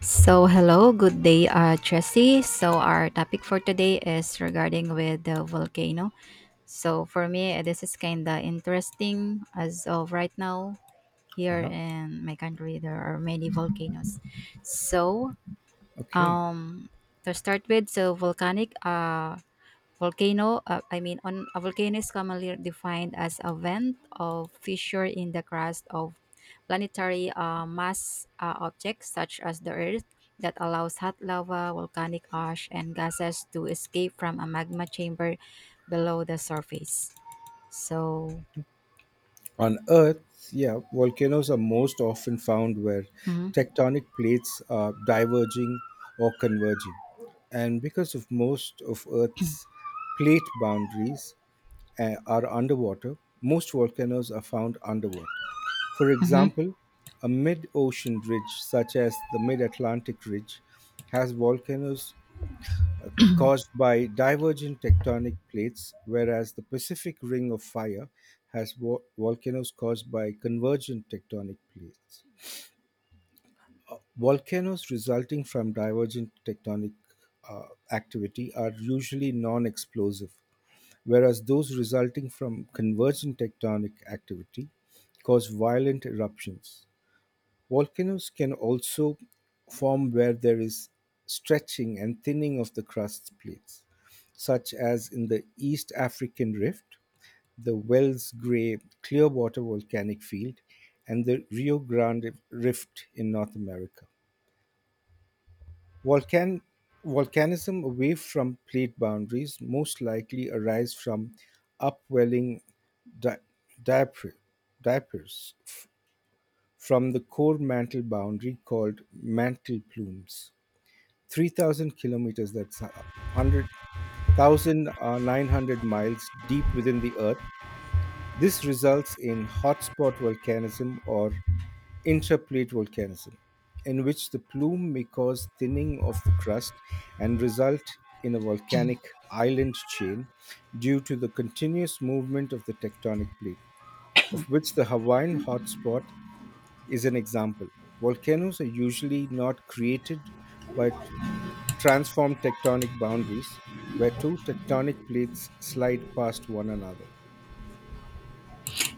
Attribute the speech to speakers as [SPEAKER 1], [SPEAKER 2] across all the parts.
[SPEAKER 1] So hello, good day, Jesse. So our topic for today is regarding with the volcano. So for me, this is kind of interesting as of right now here
[SPEAKER 2] Uh-huh.
[SPEAKER 1] in my country. There are many volcanoes. So
[SPEAKER 2] Okay.
[SPEAKER 1] um, to start with, so volcanic Volcano, I mean, on a volcano is commonly defined as a vent or fissure in the crust of planetary mass objects such as the Earth that allows hot lava, volcanic ash, and gases to escape from a magma chamber below the surface. So,
[SPEAKER 2] On Earth, yeah, volcanoes are most often found where
[SPEAKER 1] mhm,
[SPEAKER 2] tectonic plates are diverging or converging. And because of most of Earth's plate boundaries are underwater, most volcanoes are found underwater. For
[SPEAKER 1] mhm.
[SPEAKER 2] example, a mid ocean ridge, such as the Mid Atlantic Ridge, has volcanoes uh, caused by divergent tectonic plates, whereas the Pacific Ring of Fire has volcanoes caused by convergent tectonic plates. Volcanoes resulting from divergent tectonic uh, activity are usually non explosive, whereas those resulting from convergent tectonic activity cause violent eruptions. Volcanoes can also form where there is stretching and thinning of the crust plates, such as in the East African Rift, the Wells Gray Clearwater Volcanic Field, and the Rio Grande Rift in North America. Volcan- volcanism away from plate boundaries most likely arise from upwelling di- diapers from the core mantle boundary called mantle plumes. 3,000 kilometers, that's 100,900 miles deep within the Earth. This results in hotspot volcanism or intraplate volcanism, in which the plume may cause thinning of the crust and result in a volcanic island chain due to the continuous movement of the tectonic plate, of which the Hawaiian hotspot is an example. Volcanoes are usually not created but transform tectonic boundaries where two tectonic plates slide past one another.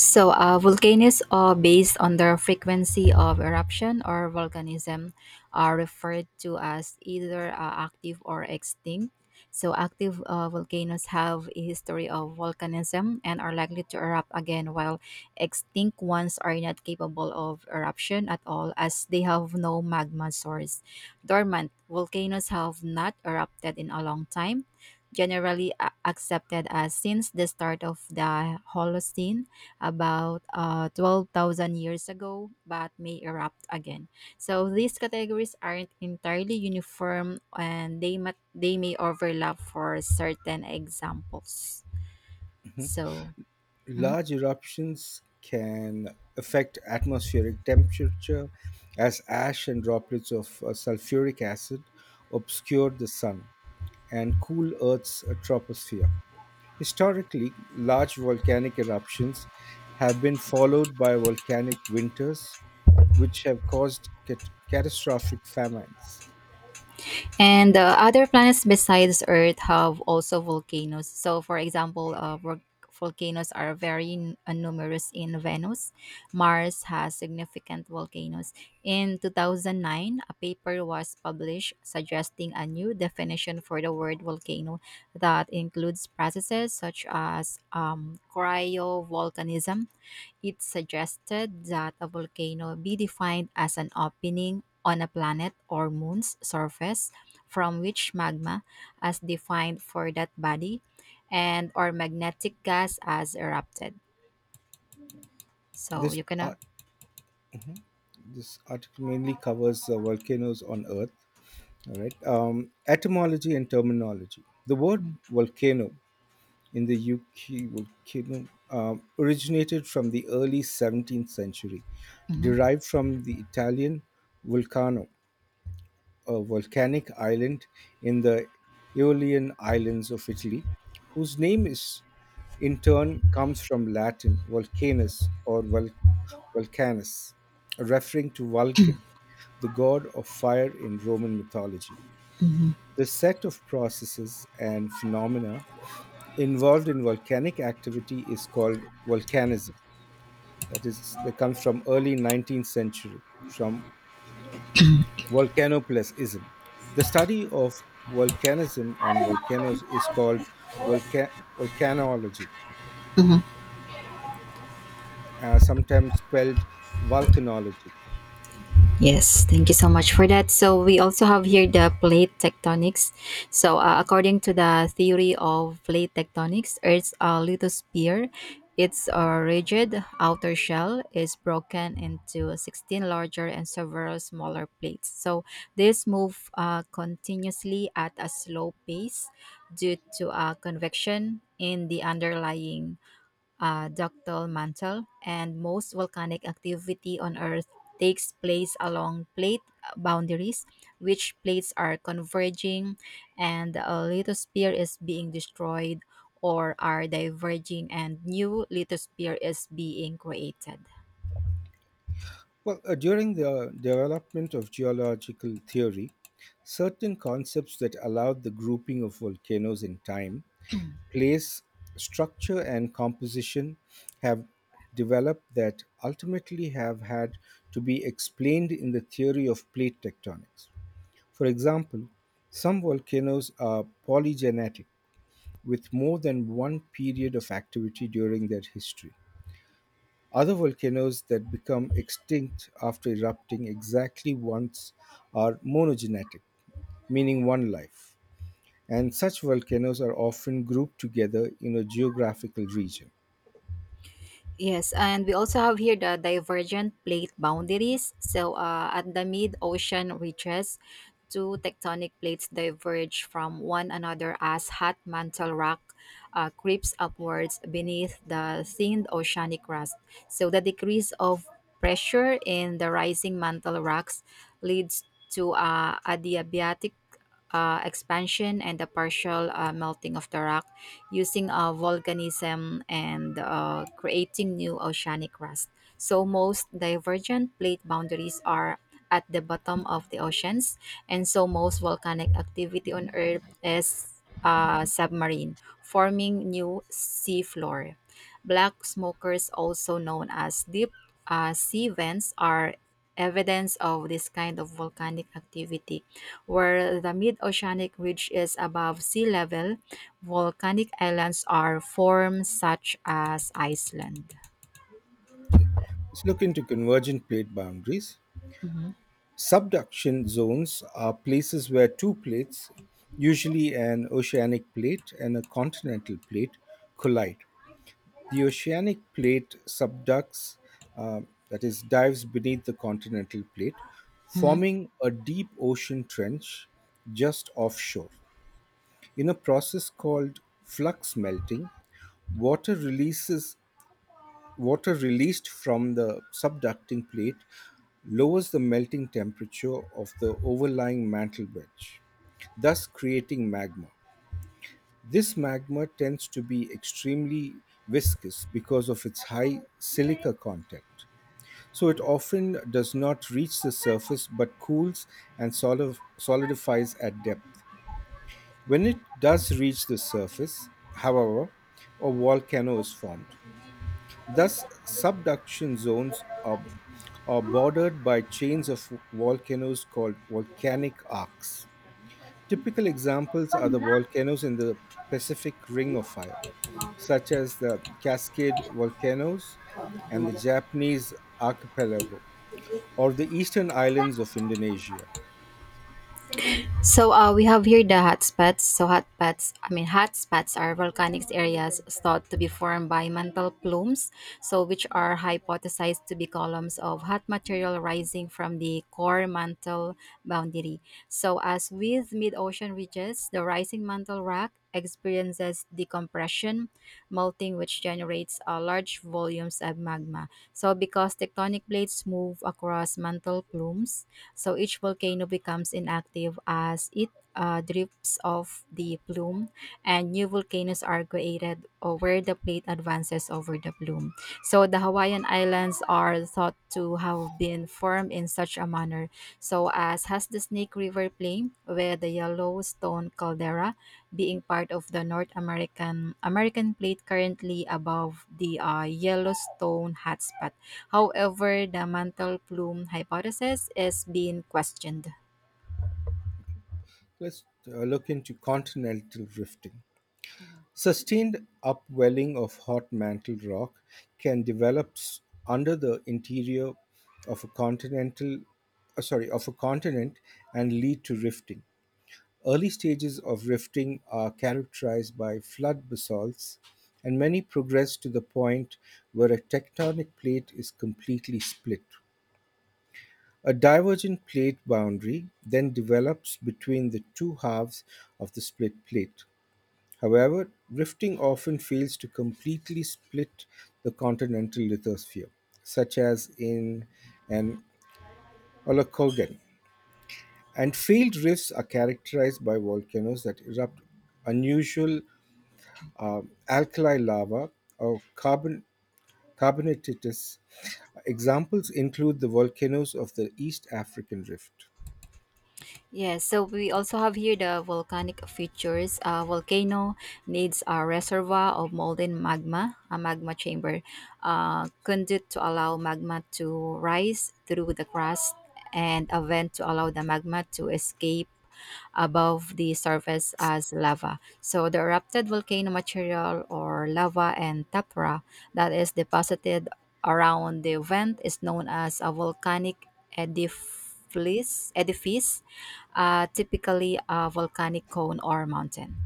[SPEAKER 1] So, volcanoes are based on their frequency of eruption or volcanism are referred to as either active or extinct. So, active volcanoes have a history of volcanism and are likely to erupt again, while extinct ones are not capable of eruption at all as they have no magma source. Dormant volcanoes have not erupted in a long time, generally accepted as since the start of the Holocene, about 12,000 years ago, but may erupt again. So these categories aren't entirely uniform and they may overlap for certain examples. So, mhm.
[SPEAKER 2] Large eruptions can affect atmospheric temperature as ash and droplets of sulfuric acid obscure the sun and cool Earth's troposphere. Historically, large volcanic eruptions have been followed by volcanic winters which have caused catastrophic famines.
[SPEAKER 1] And other planets besides Earth have also volcanoes. So, for example, volcanoes are very numerous in Venus. Mars has significant volcanoes. In 2009, a paper was published suggesting a new definition for the word volcano that includes processes such as cryovolcanism. It suggested that a volcano be defined as an opening on a planet or moon's surface from which magma, as defined for that body, and or magnetic gas as erupted. So
[SPEAKER 2] This
[SPEAKER 1] you can.
[SPEAKER 2] ar- mhm. this article mainly covers volcanoes on Earth. All right, etymology and terminology. The word
[SPEAKER 1] Mhm,
[SPEAKER 2] volcano in the UK volcano originated from the early 17th century,
[SPEAKER 1] mhm.
[SPEAKER 2] derived from the Italian vulcano, a volcanic island in the Aeolian Islands of Italy, whose name is in turn comes from Latin volcanus or volcanus, referring to Vulcan, the god of fire in Roman mythology. The set of processes and phenomena involved in volcanic activity is called volcanism. That is, that comes from early 19th century, from Volcanoplanism. The study of volcanism and volcanoes is called volca- volcanology, sometimes spelled volcanology.
[SPEAKER 1] Yes, thank you so much for that. So we also have here the plate tectonics. So according to the theory of plate tectonics, Earth's lithosphere, its rigid outer shell is broken into 16 larger and several smaller plates. So these move continuously at a slow pace due to convection in the underlying ductile mantle, and most volcanic activity on Earth takes place along plate boundaries, which plates are converging and a lithosphere is being destroyed, or are diverging and new lithosphere is being created.
[SPEAKER 2] Well, during the development of geological theory, certain concepts that allowed the grouping of volcanoes in time, place, structure, and composition have developed that ultimately have had to be explained in the theory of plate tectonics. For example, some volcanoes are polygenetic, with more than one period of activity during their history. Other volcanoes that become extinct after erupting exactly once are monogenetic, meaning one life. And such volcanoes are often grouped together in a geographical region.
[SPEAKER 1] Yes, and we also have here the divergent plate boundaries. So, at the mid ocean ridges, two tectonic plates diverge from one another as hot mantle rock creeps upwards beneath the thinned oceanic crust. So, the decrease of pressure in the rising mantle rocks leads to adiabatic expansion and the partial melting of the rock, using volcanism and creating new oceanic crust. So most divergent plate boundaries are at the bottom of the oceans, and so most volcanic activity on Earth is submarine, forming new seafloor. Black smokers, also known as deep sea vents, are evidence of this kind of volcanic activity, where the mid oceanic ridge is above sea level. Volcanic islands are formed such as Iceland.
[SPEAKER 2] Okay. Let's look into convergent plate boundaries.
[SPEAKER 1] Mhm.
[SPEAKER 2] Subduction zones are places where two plates, usually an oceanic plate and a continental plate, collide. The oceanic plate subducts, uh, that is, dives beneath the continental plate,
[SPEAKER 1] Mhm.
[SPEAKER 2] forming a deep ocean trench just offshore. In a process called flux melting, water releases Water released from the subducting plate lowers the melting temperature of the overlying mantle wedge, thus creating magma. This magma tends to be extremely viscous because of its high silica content. So it often does not reach the surface but cools and solidifies at depth. When it does reach the surface, however, a volcano is formed. Thus, subduction zones are bordered by chains of volcanoes called volcanic arcs. Typical examples are the volcanoes in the Pacific Ring of Fire, such as the Cascade volcanoes and the Japanese archipelago, or the eastern islands of Indonesia.
[SPEAKER 1] So we have here the hotspots. So hotspots, I mean hotspots are volcanic areas thought to be formed by mantle plumes, so which are hypothesized to be columns of hot material rising from the core mantle boundary. So as with mid-ocean ridges, the rising mantle rock experiences decompression, melting, which generates large volumes of magma. So because tectonic plates move across mantle plumes, so each volcano becomes inactive as it drifts off the plume, and new volcanoes are created where the plate advances over the plume. So the Hawaiian Islands are thought to have been formed in such a manner. So as has the Snake River Plain, where the Yellowstone caldera, being part of the North American American plate currently above the Yellowstone hotspot. However, the mantle plume hypothesis is being questioned.
[SPEAKER 2] Let's look into continental drifting. Sustained upwelling of hot mantle rock can under the interior of a continent and lead to rifting. Early stages of rifting are characterized by flood basalts and many progress to the point where a tectonic plate is completely split. A divergent plate boundary then develops between the two halves of the split plate. However, drifting often fails to completely split the continental lithosphere, such as in an Olokogam, and failed rifts are characterized by volcanoes that erupt unusual uh, alkali lava or carbonatitous. Examples include the volcanoes of the East African Rift.
[SPEAKER 1] Yes, so we also have here the volcanic features. A volcano needs a reservoir of molten magma, a magma chamber, conduit to allow magma to rise through the crust, and a vent to allow the magma to escape above the surface as lava. So the erupted volcano material or lava and tapra that is deposited around the event is known as a volcanic edifice, typically a volcanic cone or mountain.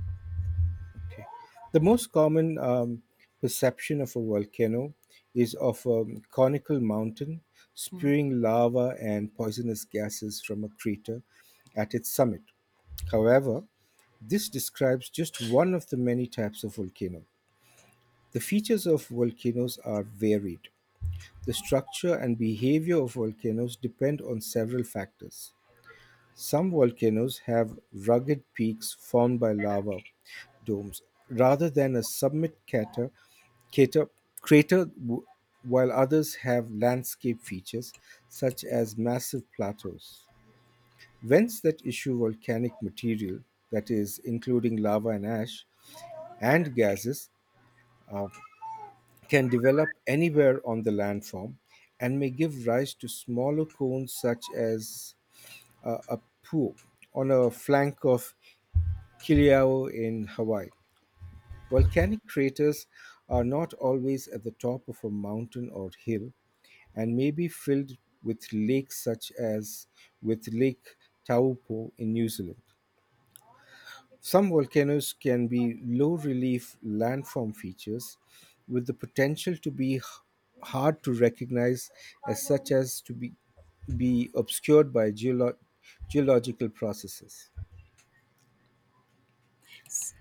[SPEAKER 2] Okay. The most common perception of a volcano is of a conical mountain spewing lava and poisonous gases from a crater at its summit. However, this describes just one of the many types of volcano. The features of volcanoes are varied. The structure and behavior of volcanoes depend on several factors. Some volcanoes have rugged peaks formed by lava domes, rather than a summit crater, crater, while others have landscape features such as massive plateaus. Vents that issue volcanic material, that is, including lava and ash, and gases, uh, can develop anywhere on the landform and may give rise to smaller cones such as a pool on a flank of Kilauea in Hawaii. Volcanic craters are not always at the top of a mountain or hill and may be filled with lakes such as with Lake Taupo in New Zealand. Some volcanoes can be low relief landform features with the potential to be hard to recognize as such as to be obscured by geological processes.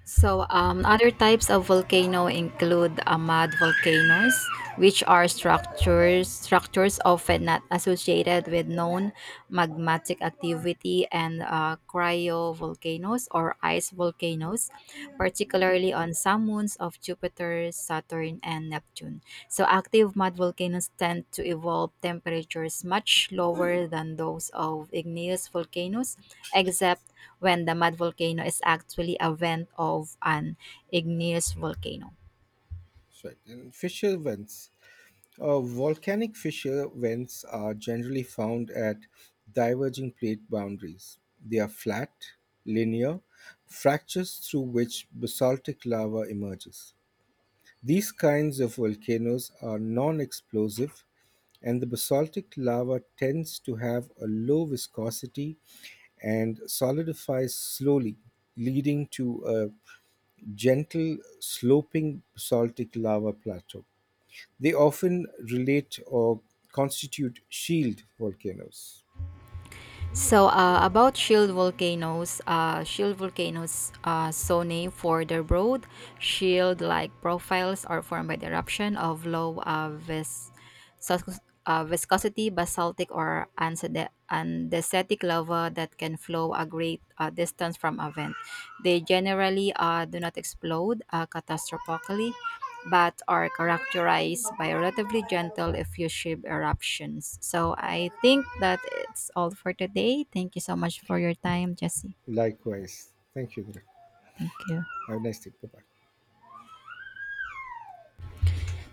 [SPEAKER 1] So, other types of volcano include mud volcanoes, which are structures often not associated with known magmatic activity, and cryovolcanoes or ice volcanoes, particularly on some moons of Jupiter, Saturn, and Neptune. So, active mud volcanoes tend to evolve temperatures much lower than those of igneous volcanoes, except when the mud volcano is actually a vent of an igneous volcano.
[SPEAKER 2] Right. And fissure vents volcanic fissure vents are generally found at diverging plate boundaries. They are flat, linear, fractures through which basaltic lava emerges. These kinds of volcanoes are non explosive, and the basaltic lava tends to have a low viscosity and solidifies slowly, leading to a gentle sloping basaltic lava plateau. They often relate or constitute shield volcanoes.
[SPEAKER 1] So About shield volcanoes, so named for their broad shield-like profiles, are formed by the eruption of low sus- viscosity basaltic or andesitic lava that can flow a great distance from a vent. They generally do not explode catastrophically, but are characterized by relatively gentle effusive eruptions. So I think that it's all for today. Thank you so much for your time, Jesse.
[SPEAKER 2] Likewise. Thank you. Dhiral.
[SPEAKER 1] Thank you.
[SPEAKER 2] Have a nice day. Bye bye.